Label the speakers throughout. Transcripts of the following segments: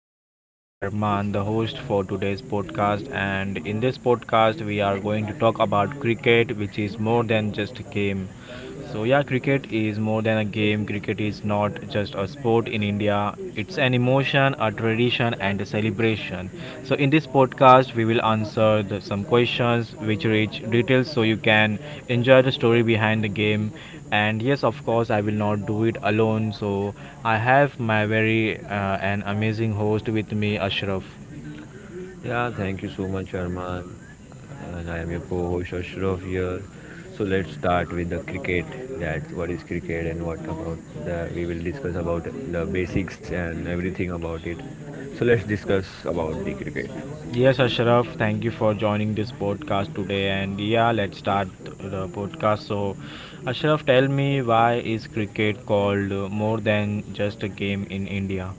Speaker 1: podcast. I am Arman, the host for today's podcast, and in this podcast, we are going to talk about cricket, which is more than just a game. So, yeah, cricket is more than a game. Cricket is not just a sport in India, it's an emotion, a tradition, and a celebration. So, in this podcast, we will answer some questions which reach details so you can enjoy the story behind the game. And yes, of course, I will not do it alone. So I have my very an amazing host with me, Ashraf.
Speaker 2: Yeah, thank you so much, Arman. And I am your co-host Ashraf here. So let's start with the cricket. That what is cricket and what about the we will discuss about the basics and everything about it. So let's discuss about the cricket.
Speaker 1: Yes, Ashraf, thank you for joining this podcast today. And yeah, let's start the podcast. So, Ashraf, tell me, why is cricket called more than just a game in India?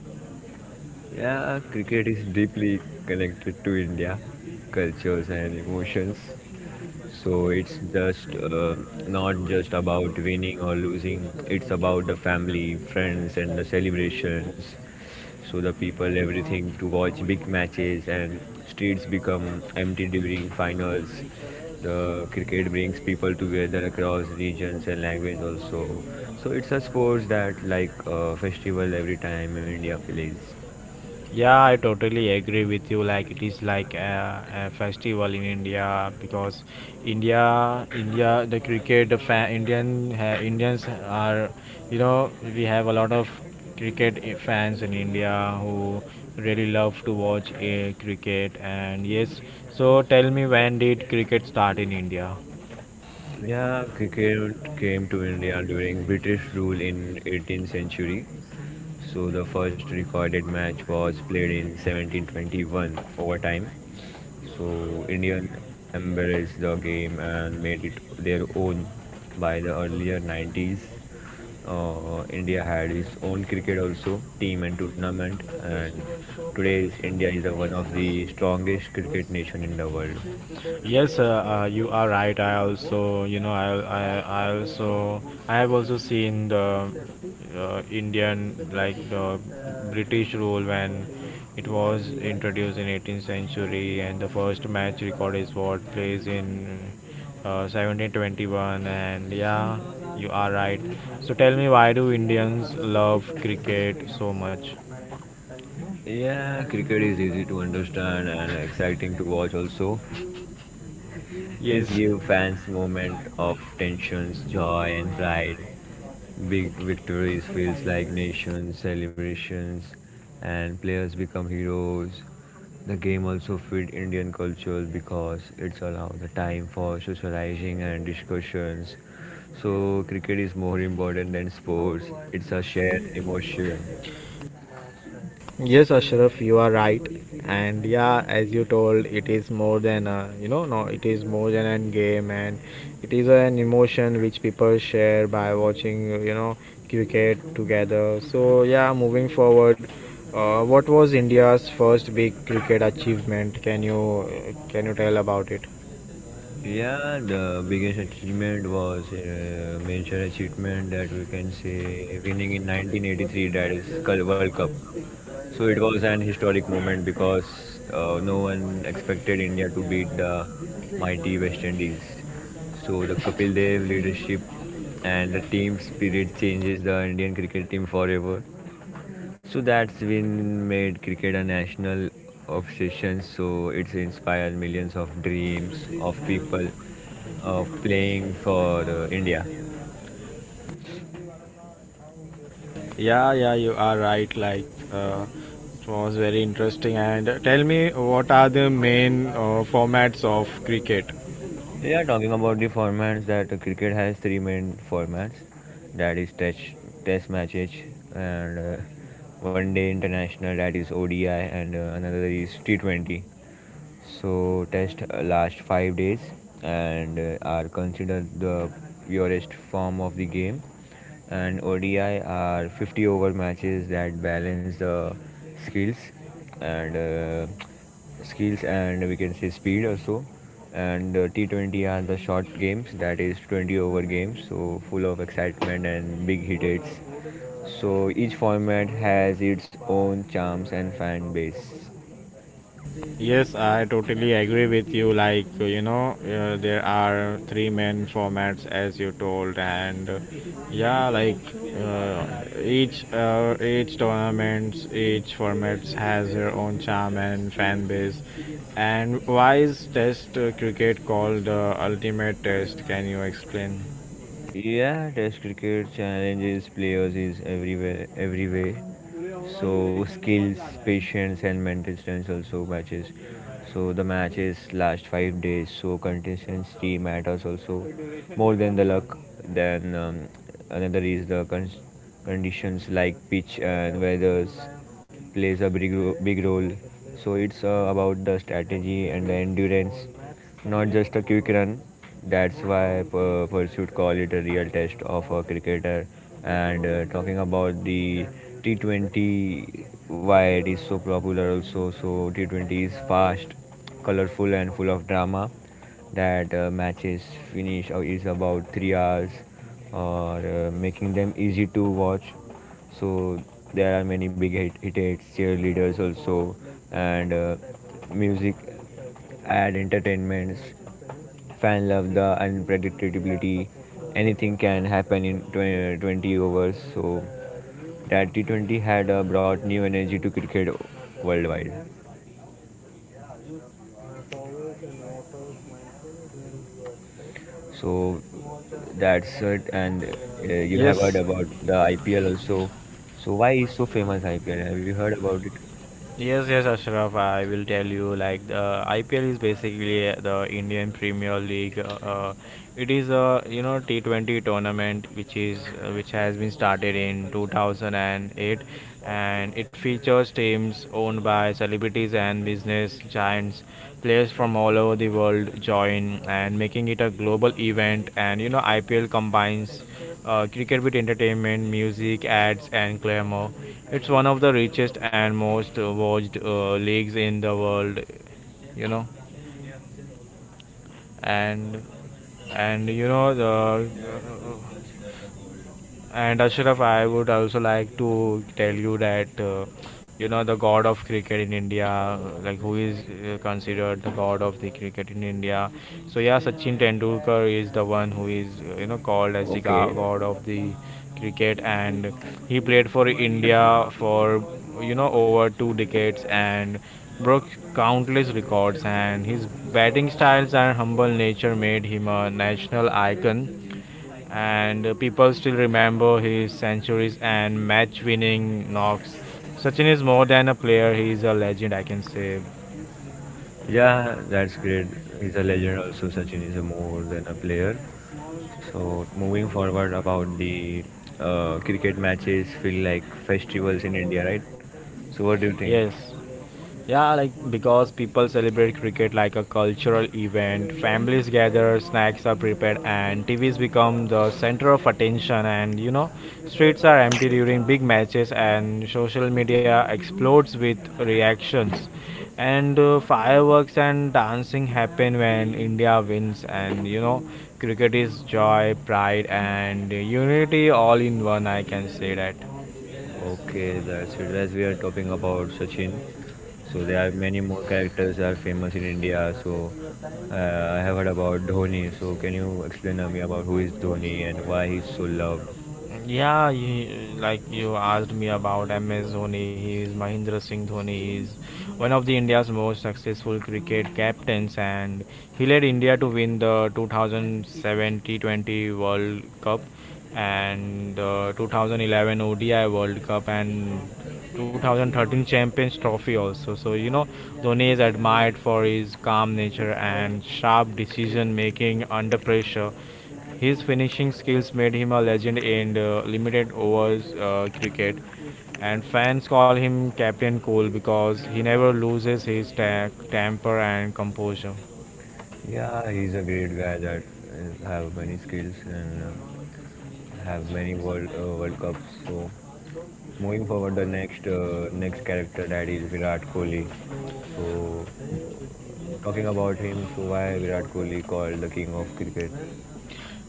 Speaker 2: Yeah, cricket is deeply connected to India cultures and emotions. So it's just not just about winning or losing. It's about the family, friends, and the celebrations. So the people everything to watch big matches, and streets become empty during finals. The cricket brings people together across regions and language also. So it's a sports that like a festival every time India plays.
Speaker 1: Yeah, I totally agree with you. Like, it is like a festival in India because India, India, the cricket, the fa- Indian ha- Indians are, we have a lot of cricket fans in India who really love to watch cricket. And yes, so tell me, when did cricket start in India?
Speaker 2: Yeah, cricket came to India during british rule in 18th century. So the first recorded match was played in 1721. Overtime, So Indian embraced the game and made it their own. By the earlier 90s, India had its own cricket also team and tournament, and today India is the one of the strongest cricket nation in the world.
Speaker 1: Yes, you are right. I also, you know, I also, I have also seen the like the British rule when it was introduced in 18th century, and the first match record is what plays in 1721. And yeah, you are right. So tell me, why do Indians love cricket so much?
Speaker 2: Yeah, cricket is easy to understand and exciting to watch also. It
Speaker 1: Yes.
Speaker 2: gives fans moment of tensions, joy and pride. Big victories feels like nations, celebrations, and players become heroes. The game also fit Indian culture because it's allows the time for socializing and discussions. So cricket is more important than sports. It's a shared emotion.
Speaker 1: Yes, Ashraf, you are right. And yeah, as you told, it is more than a, no, it is more than an game, and it is an emotion which people share by watching cricket together. So yeah, moving forward, what was India's first big cricket achievement? Can you tell about it?
Speaker 2: Yeah, the biggest achievement was a major achievement that we can say winning in 1983, that is World Cup. So it was an historic moment because no one expected India to beat the mighty West Indies. So the Kapil Dev leadership and the team spirit changes the Indian cricket team forever. So that's been made cricket a national obsession. So it's inspired millions of dreams of people of playing for India.
Speaker 1: Yeah, yeah, you are right. Like, it was very interesting. And tell me, what are the main formats of cricket?
Speaker 2: We are talking about the formats that cricket has three main formats. That is test matches and 1 day international. That is ODI, and another is T20. So test last 5 days, and are considered the purest form of the game, and ODI are 50 over matches that balance the skills and skills and we can say speed also. And T20 are the short games, that is 20 over games, so full of excitement and big hit rates. So each format has its own charms and fan base.
Speaker 1: Yes, I totally agree with you. Like, there are three main formats as you told, and yeah, like uh, each tournaments, each formats has their own charm and fan base. And why is Test cricket called the ultimate test? Can you explain?
Speaker 2: Yeah, Test cricket challenges players is everywhere. So skills, patience, and mental strength also matches. So the matches last 5 days. So consistency matters also more than the luck. Then another is the conditions like pitch and weathers plays a big role. So it's about the strategy and the endurance, not just a quick run. That's why Pursuit call it a real test of a cricketer. And talking about the T20, why it is so popular also. So T20 is fast, colorful, and full of drama. That matches finish is about 3 hours, or making them easy to watch. So there are many big hit, hit hits, cheerleaders also, and music, ad, entertainments, fan love, the unpredictability. Anything can happen in 20, twenty overs. So that T20 had brought new energy to cricket worldwide. So that's it. And you have heard
Speaker 1: Yes,
Speaker 2: about the IPL also. So why is so famous IPL? Have you heard about it?
Speaker 1: yes, yes, Ashraf, I will tell you. Like, the IPL is basically the Indian Premier League. It is a T20 tournament which is which has been started in 2008, and it features teams owned by celebrities and business giants. Players from all over the world join, and making it a global event. And IPL combines cricket with entertainment, music, ads, and glamour. It's one of the richest and most watched leagues in the world, you know and and you know the and Ashraf, I would also like to tell you that the god of cricket in India, like, who is considered the god of the cricket in India. So yeah, Sachin Tendulkar is the one who is called as the god of the cricket, and he played for India for over 2 decades and broke countless records, and his batting styles and humble nature made him a national icon. And people still remember his centuries and match winning knocks. Sachin is more than a player, he is a legend, I can say. Yes. Yeah, like, because people celebrate cricket like a cultural event, families gather, snacks are prepared, and TVs become the center of attention. And streets are empty during big matches, and social media explodes with reactions. And fireworks and dancing happen when India wins, and cricket is joy, pride, and unity all in one, I can say that. Yeah, like you asked me about MS Dhoni, he is Mahendra Singh Dhoni, is one of the India's most successful cricket captains, and he led India to win the 2007 t 20 World Cup, and the 2011 ODI World Cup, and 2013 Champions Trophy also. So, you know, Dhoni is admired for his calm nature and sharp decision making under pressure. His finishing skills made him a legend in the limited overs cricket, and fans call him Captain Cool because he never loses his temper and composure.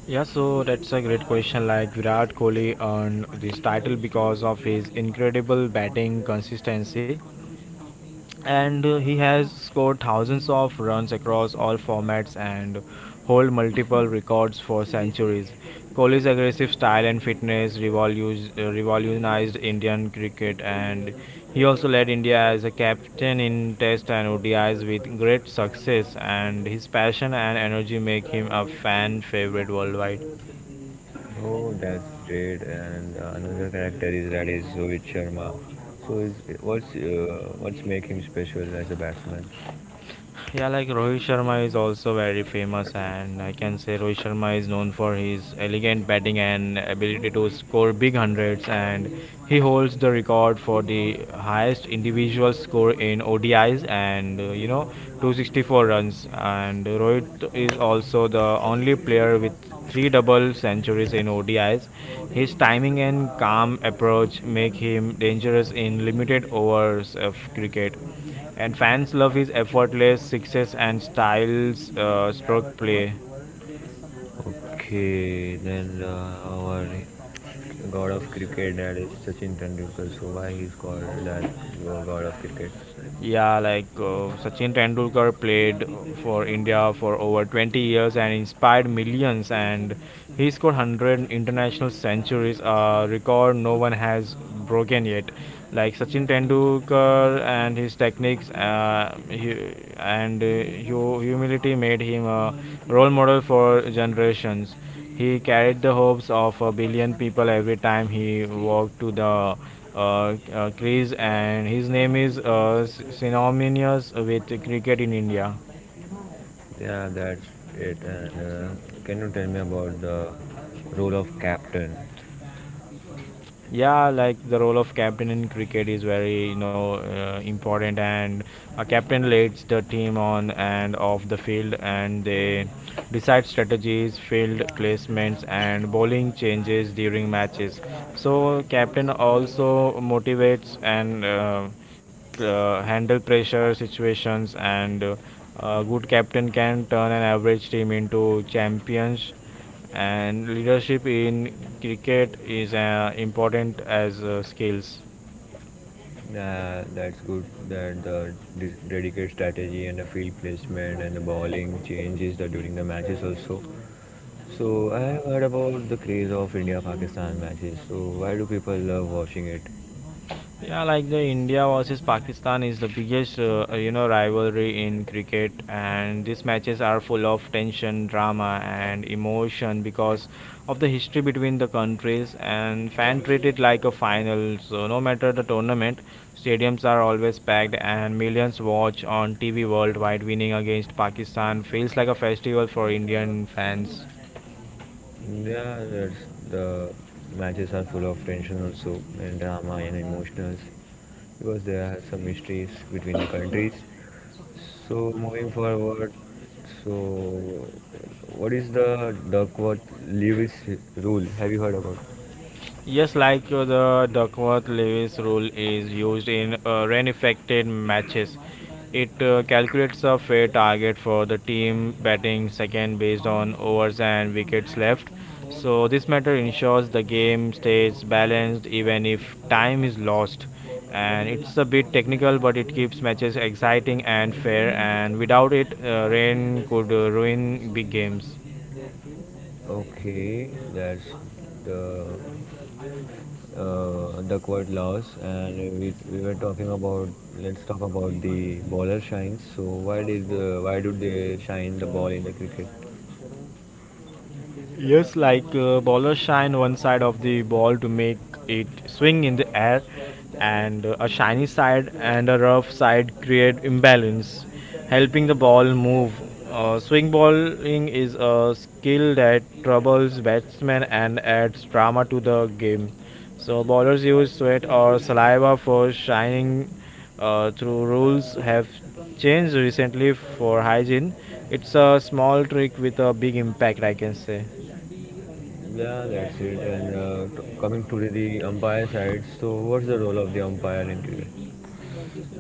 Speaker 1: Yeah, so that's a great question. Like, Virat Kohli earned this title because of his incredible batting consistency, and he has scored thousands of runs across all formats and hold multiple records for centuries. Kohli's aggressive style and fitness revolutionized Indian cricket, and he also led India as a captain in Test and ODIs with great success. And his passion and energy make him a fan favorite worldwide. Yeah, like, Rohit Sharma is also very famous, and I can say Rohit Sharma is known for his elegant batting and ability to score big hundreds, and he holds the record for the highest individual score in ODIs and 264 runs. And Rohit is also the only player with three double centuries in ODIs. His timing and calm approach make him dangerous in limited overs of cricket. And fans love his effortless sixes and styles stroke play. Yeah, like, Sachin Tendulkar played for India for over 20 years and inspired millions. And he scored 100 international centuries, a record no one has broken yet. Like Sachin Tendulkar, and his techniques he and humility made him a role model for generations. He carried the hopes of a billion people every time he walked to the crease, and his name is synonymous with cricket in India. Yeah, like, the role of captain in cricket is very, important, and a captain leads the team on and off the field, and they decide strategies, field placements, and bowling changes during matches. So, captain also motivates and handle pressure situations, and a good captain can turn an average team into champions, and leadership in cricket is important as skills. Yeah, like the India versus Pakistan is the biggest rivalry in cricket, and these matches are full of tension, drama, and emotion because of the history between the countries, and fan treat it like a final. So no matter the tournament, stadiums are always packed, and millions watch on TV worldwide. Winning against Pakistan feels like a festival for Indian fans. Yes, like the Duckworth-Lewis rule is used in rain-affected matches. It calculates a fair target for the team batting second based on overs and wickets left. So this method ensures the game stays balanced even if time is lost. And it's a bit technical, but it keeps matches exciting and fair. And without it, rain could ruin big games. Yes, like ballers shine one side of the ball to make it swing in the air, and a shiny side and a rough side create imbalance, helping the ball move. Swing bowling is a skill that troubles batsmen and adds drama to the game. So bowlers use sweat or saliva for shining, through rules have changed recently for hygiene. It's a small trick with a big impact, I can say.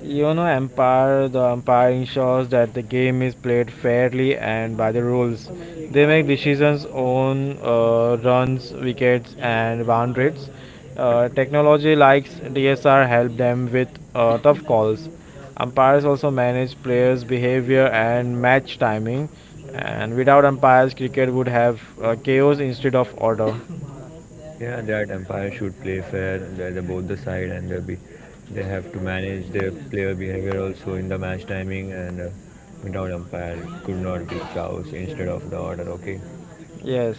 Speaker 1: The umpire ensures that the game is played fairly and by the rules. They make decisions on runs, wickets, and boundaries. Technology like DSR help them with tough calls. Umpires also manage players' behavior and match timing. And without umpires, cricket would have chaos instead of order. Yes.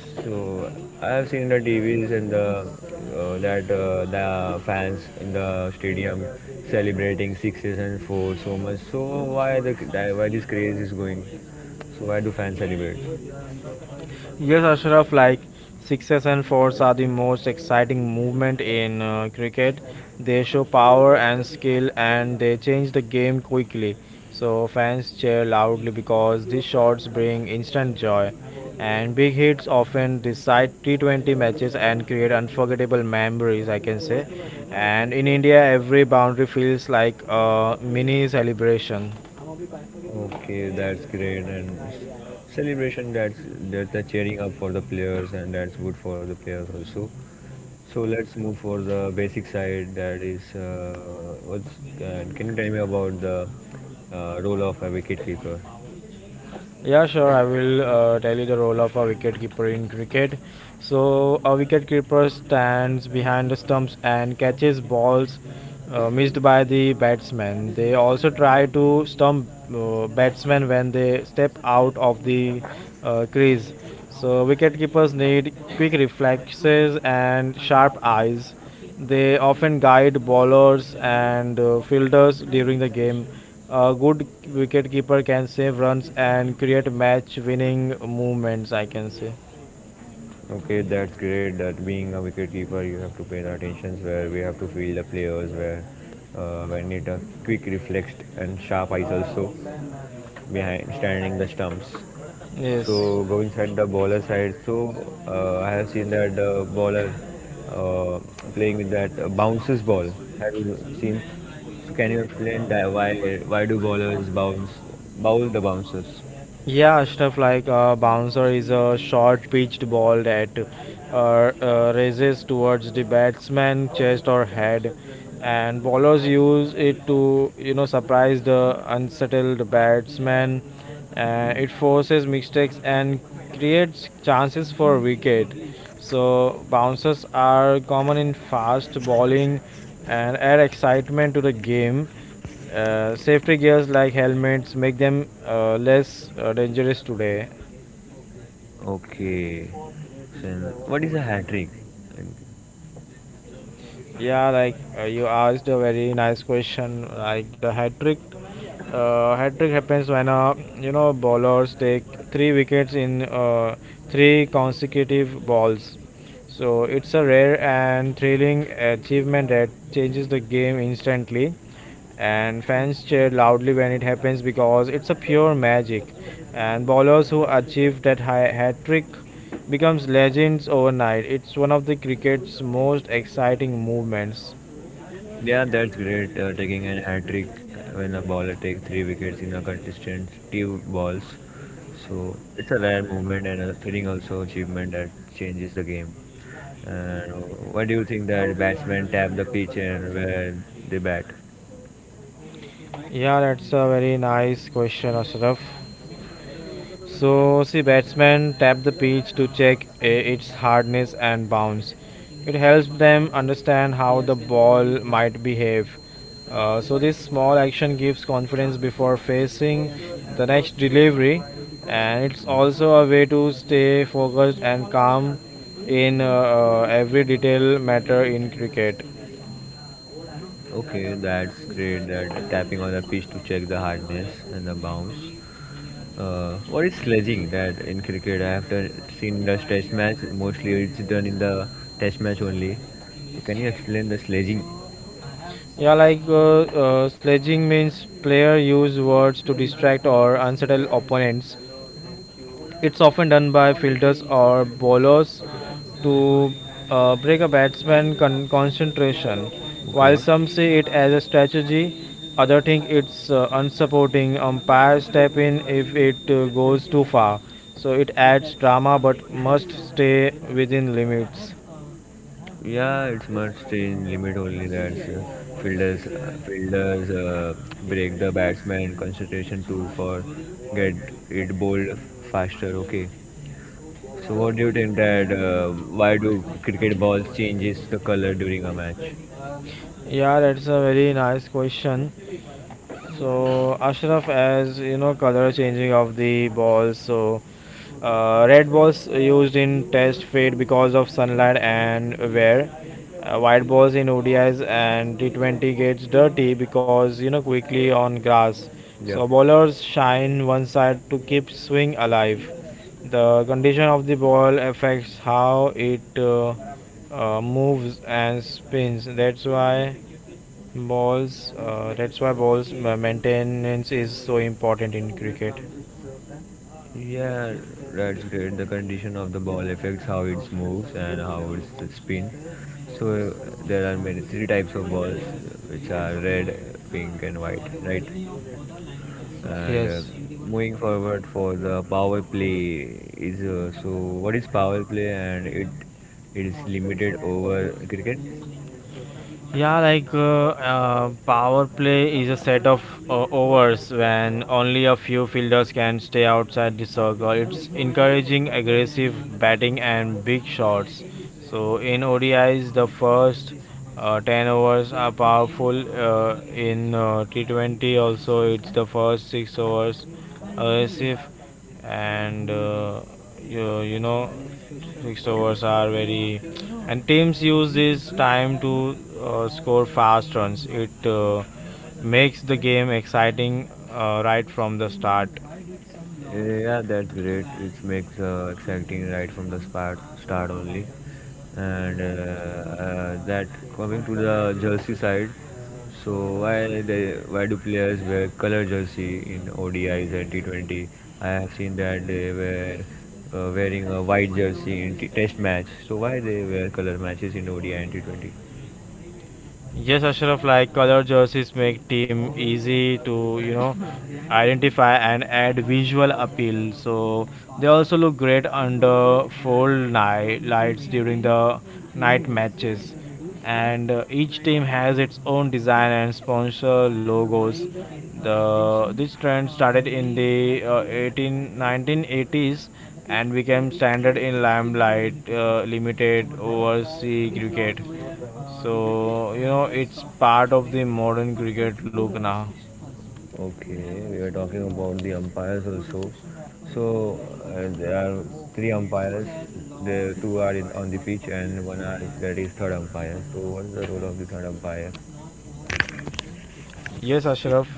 Speaker 1: Yes, Ashraf, like sixes and fours are the most exciting movement in cricket. They show power and skill, and they change the game quickly. So fans cheer loudly because these shots bring instant joy. And big hits often decide T20 matches and create unforgettable memories, I can say. And in India, every boundary feels like a mini celebration. Yeah, sure. I will tell you the role of a wicket keeper in cricket. So, a wicket keeper stands behind the stumps and catches balls missed by the batsman. They also try to stump batsmen when they step out of the crease. So, wicket keepers need quick reflexes and sharp eyes. They often guide bowlers and fielders during the game. A good wicketkeeper can save runs and create match winning movements, I can say. Yes. Yeah, stuff like bouncer is a short pitched ball that races towards the batsman chest or head, and bowlers use it to surprise the unsettled batsman. It forces mistakes and creates chances for wicket. So bouncers are common in fast bowling and add excitement to the game. Safety gears like helmets make them less dangerous today. Yeah, like you asked a very nice question. Like the hat trick happens when bowlers take three wickets in three consecutive balls. So it's a rare and thrilling achievement that changes the game instantly. And fans cheer loudly when it happens because it's a pure magic, and bowlers who achieve that hat trick becomes legends overnight. It's one of the cricket's most exciting movements. Yeah, that's a very nice question, Ashraf. So, see, batsmen tap the pitch to check its hardness and bounce. It helps them understand how the ball might behave. So, this small action gives confidence before facing the next delivery, and it's also a way to stay focused and calm in every detail matter in cricket. Yeah, like sledging means player use words to distract or unsettle opponents. It's often done by fielders or bowlers to break a batsman's concentration. While some see it as a strategy, others think it's unsupporting. Umpires step in if it goes too far. So it adds drama but must stay within limits. Yeah, that's a very nice question. So Ashraf, as you know, color changing of the ball. So, red balls used in test fade because of sunlight and wear. White balls in ODIs and T20 gets dirty because you know quickly on grass. So bowlers shine one side to keep swing alive. The condition of the ball affects how it moves and spins. That's why balls maintenance is so important in cricket. Yes. Yeah, like power play is a set of overs when only a few fielders can stay outside the circle. It's encouraging aggressive batting and big shots. So in ODIs, the first 10 overs are powerful. In T20, also, it's the first 6 overs aggressive, and you, you know fixed overs are very, and teams use this time to score fast runs. It makes the game exciting right from the start. Yes, Ashraf, like color jerseys make team easy to, you know, identify and add visual appeal. So they also look great under full night lights during the night matches. And each team has its own design and sponsor logos. The this trend started in the 18 1980s and became standard in limelight limited overseas cricket. So you know it's part of the modern cricket look now. Yes, Ashraf.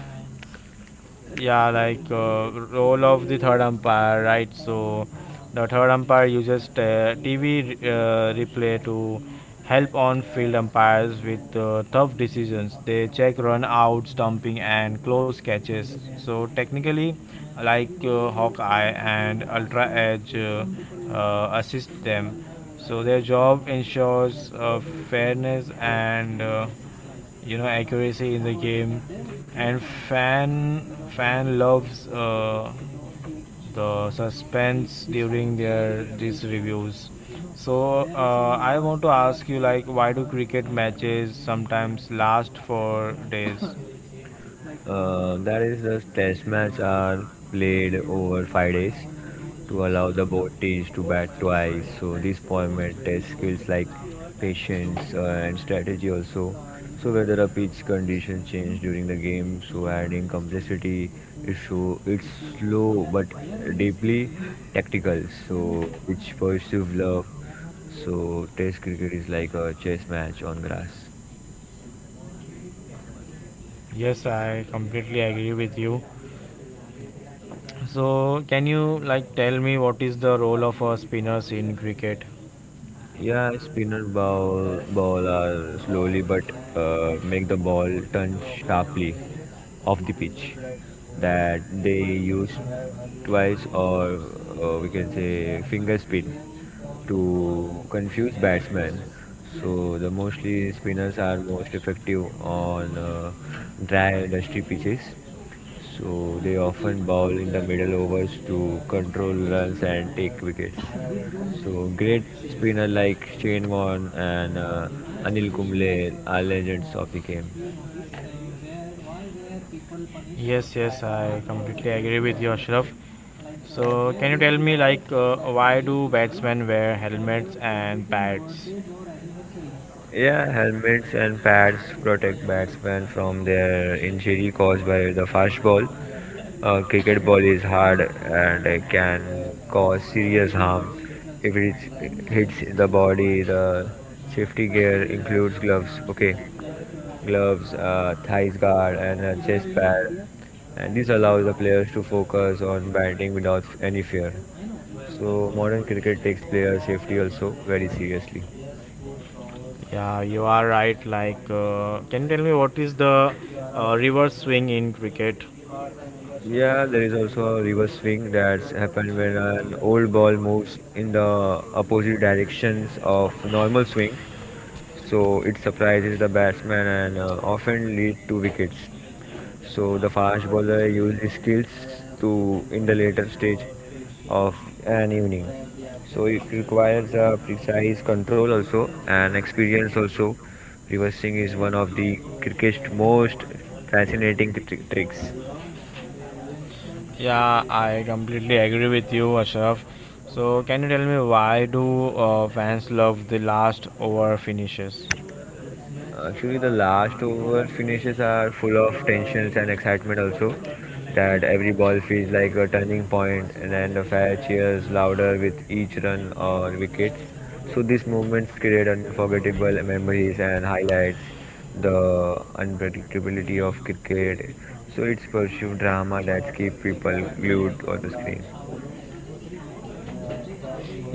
Speaker 1: Yeah, like role of the third umpire, right? So the third umpire uses TV replay to help on field umpires with tough decisions. They check run out, stumping, and close catches. So, technically, like Hawkeye and Ultra Edge assist them. So, their job ensures fairness and you know accuracy in the game, and fan loves the suspense during their these reviews. So I want to ask you, like, why do cricket matches sometimes last for days? Yes, I completely agree with you. So can you like tell me what is the role of a spinners in cricket? Yes, yes, I completely agree with you, Ashraf. So, can you tell me, like, why do batsmen wear helmets and pads? Yeah, you are right. Like, can you tell me what is the reverse swing in cricket? Yeah, I completely agree with you, Ashraf. So, can you tell me why do fans love the last over finishes?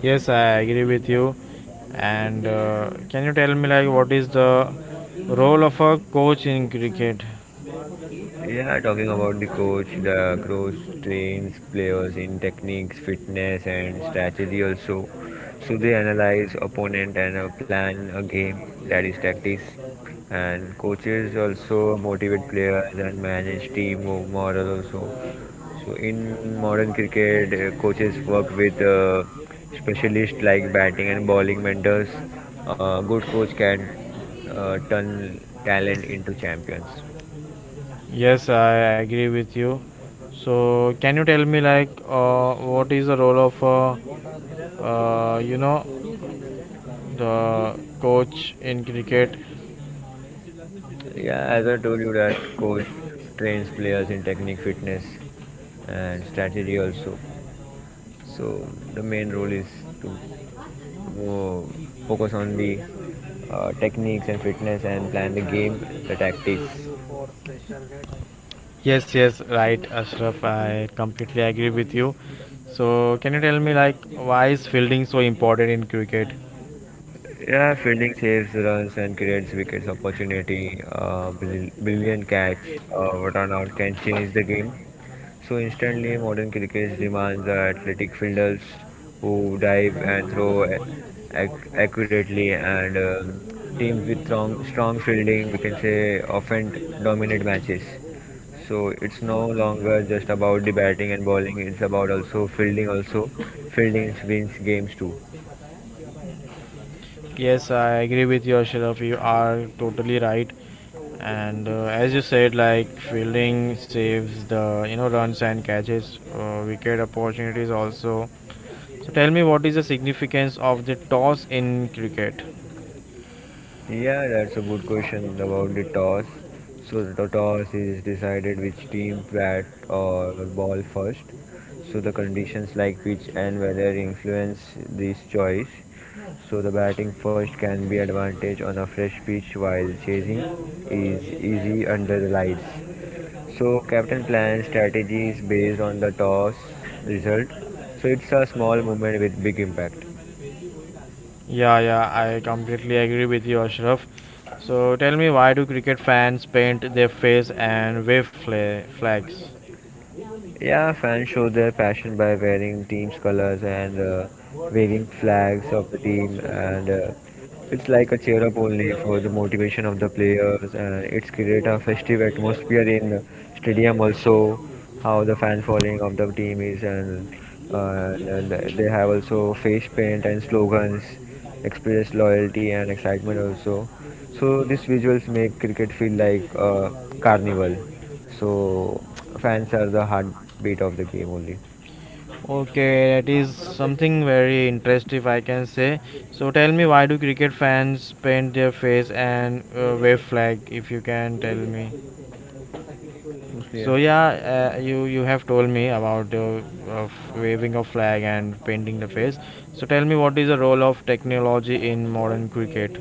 Speaker 1: Yes, I agree with you. And can you tell me like what is the role of a coach in cricket? Yes, I agree with you. So can you tell me like what is the role of uh, you know the coach in cricket? Yes, yes, right, Ashraf. I completely agree with you. So can you tell me like why is fielding so important in cricket? Yes, I agree with you, Ashraf. You are totally right. And as you said, like fielding saves the you know runs and catches wicket opportunities also. So tell me, what is the significance of the toss in cricket? Yeah, I completely agree with you, Ashraf. So tell me, why do cricket fans paint their face and wave flags? Okay, that is something very interesting, if I can say. So tell me, why do cricket fans paint their face and wave flag? If you can tell me. So yeah, you have told me about the uh, waving a flag and painting the face. So tell me, what is the role of technology in modern cricket?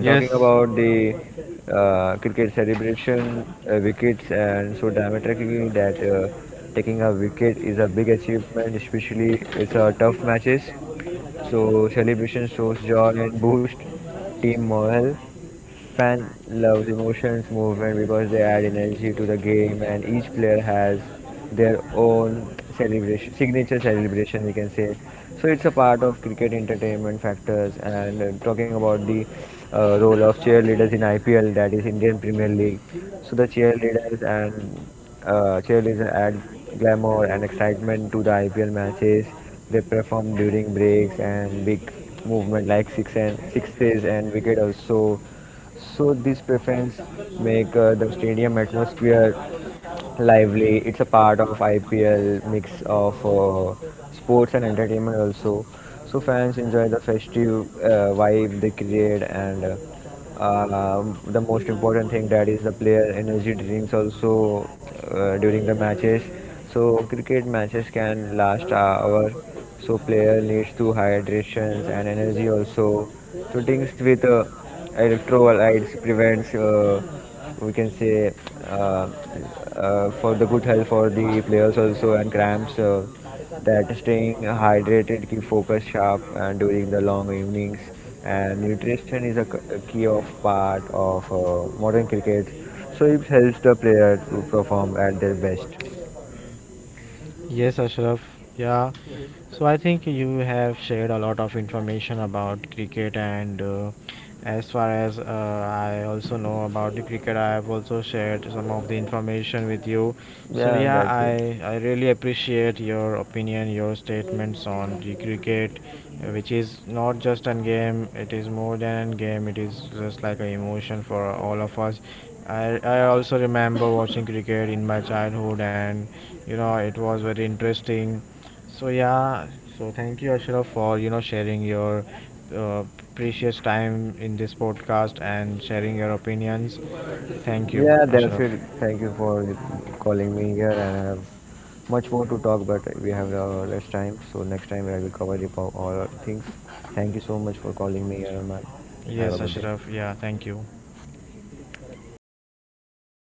Speaker 1: Yes. Yes, Ashraf. Yeah. So I think you have shared a lot of information about cricket, and as far as I also know about the cricket, I have also shared some of the information with you. So yeah, I really appreciate your opinion, your statements on the cricket, which is not just a game; it is more than a game. It is just like an emotion for all of us. I also remember watching cricket in my childhood, and you know it was very interesting. So yeah, so thank you, Ashraf, for you know sharing your uh, precious time in this podcast and sharing your opinions. Thank you, Ashraf. Yes, Ashraf, yeah, thank you.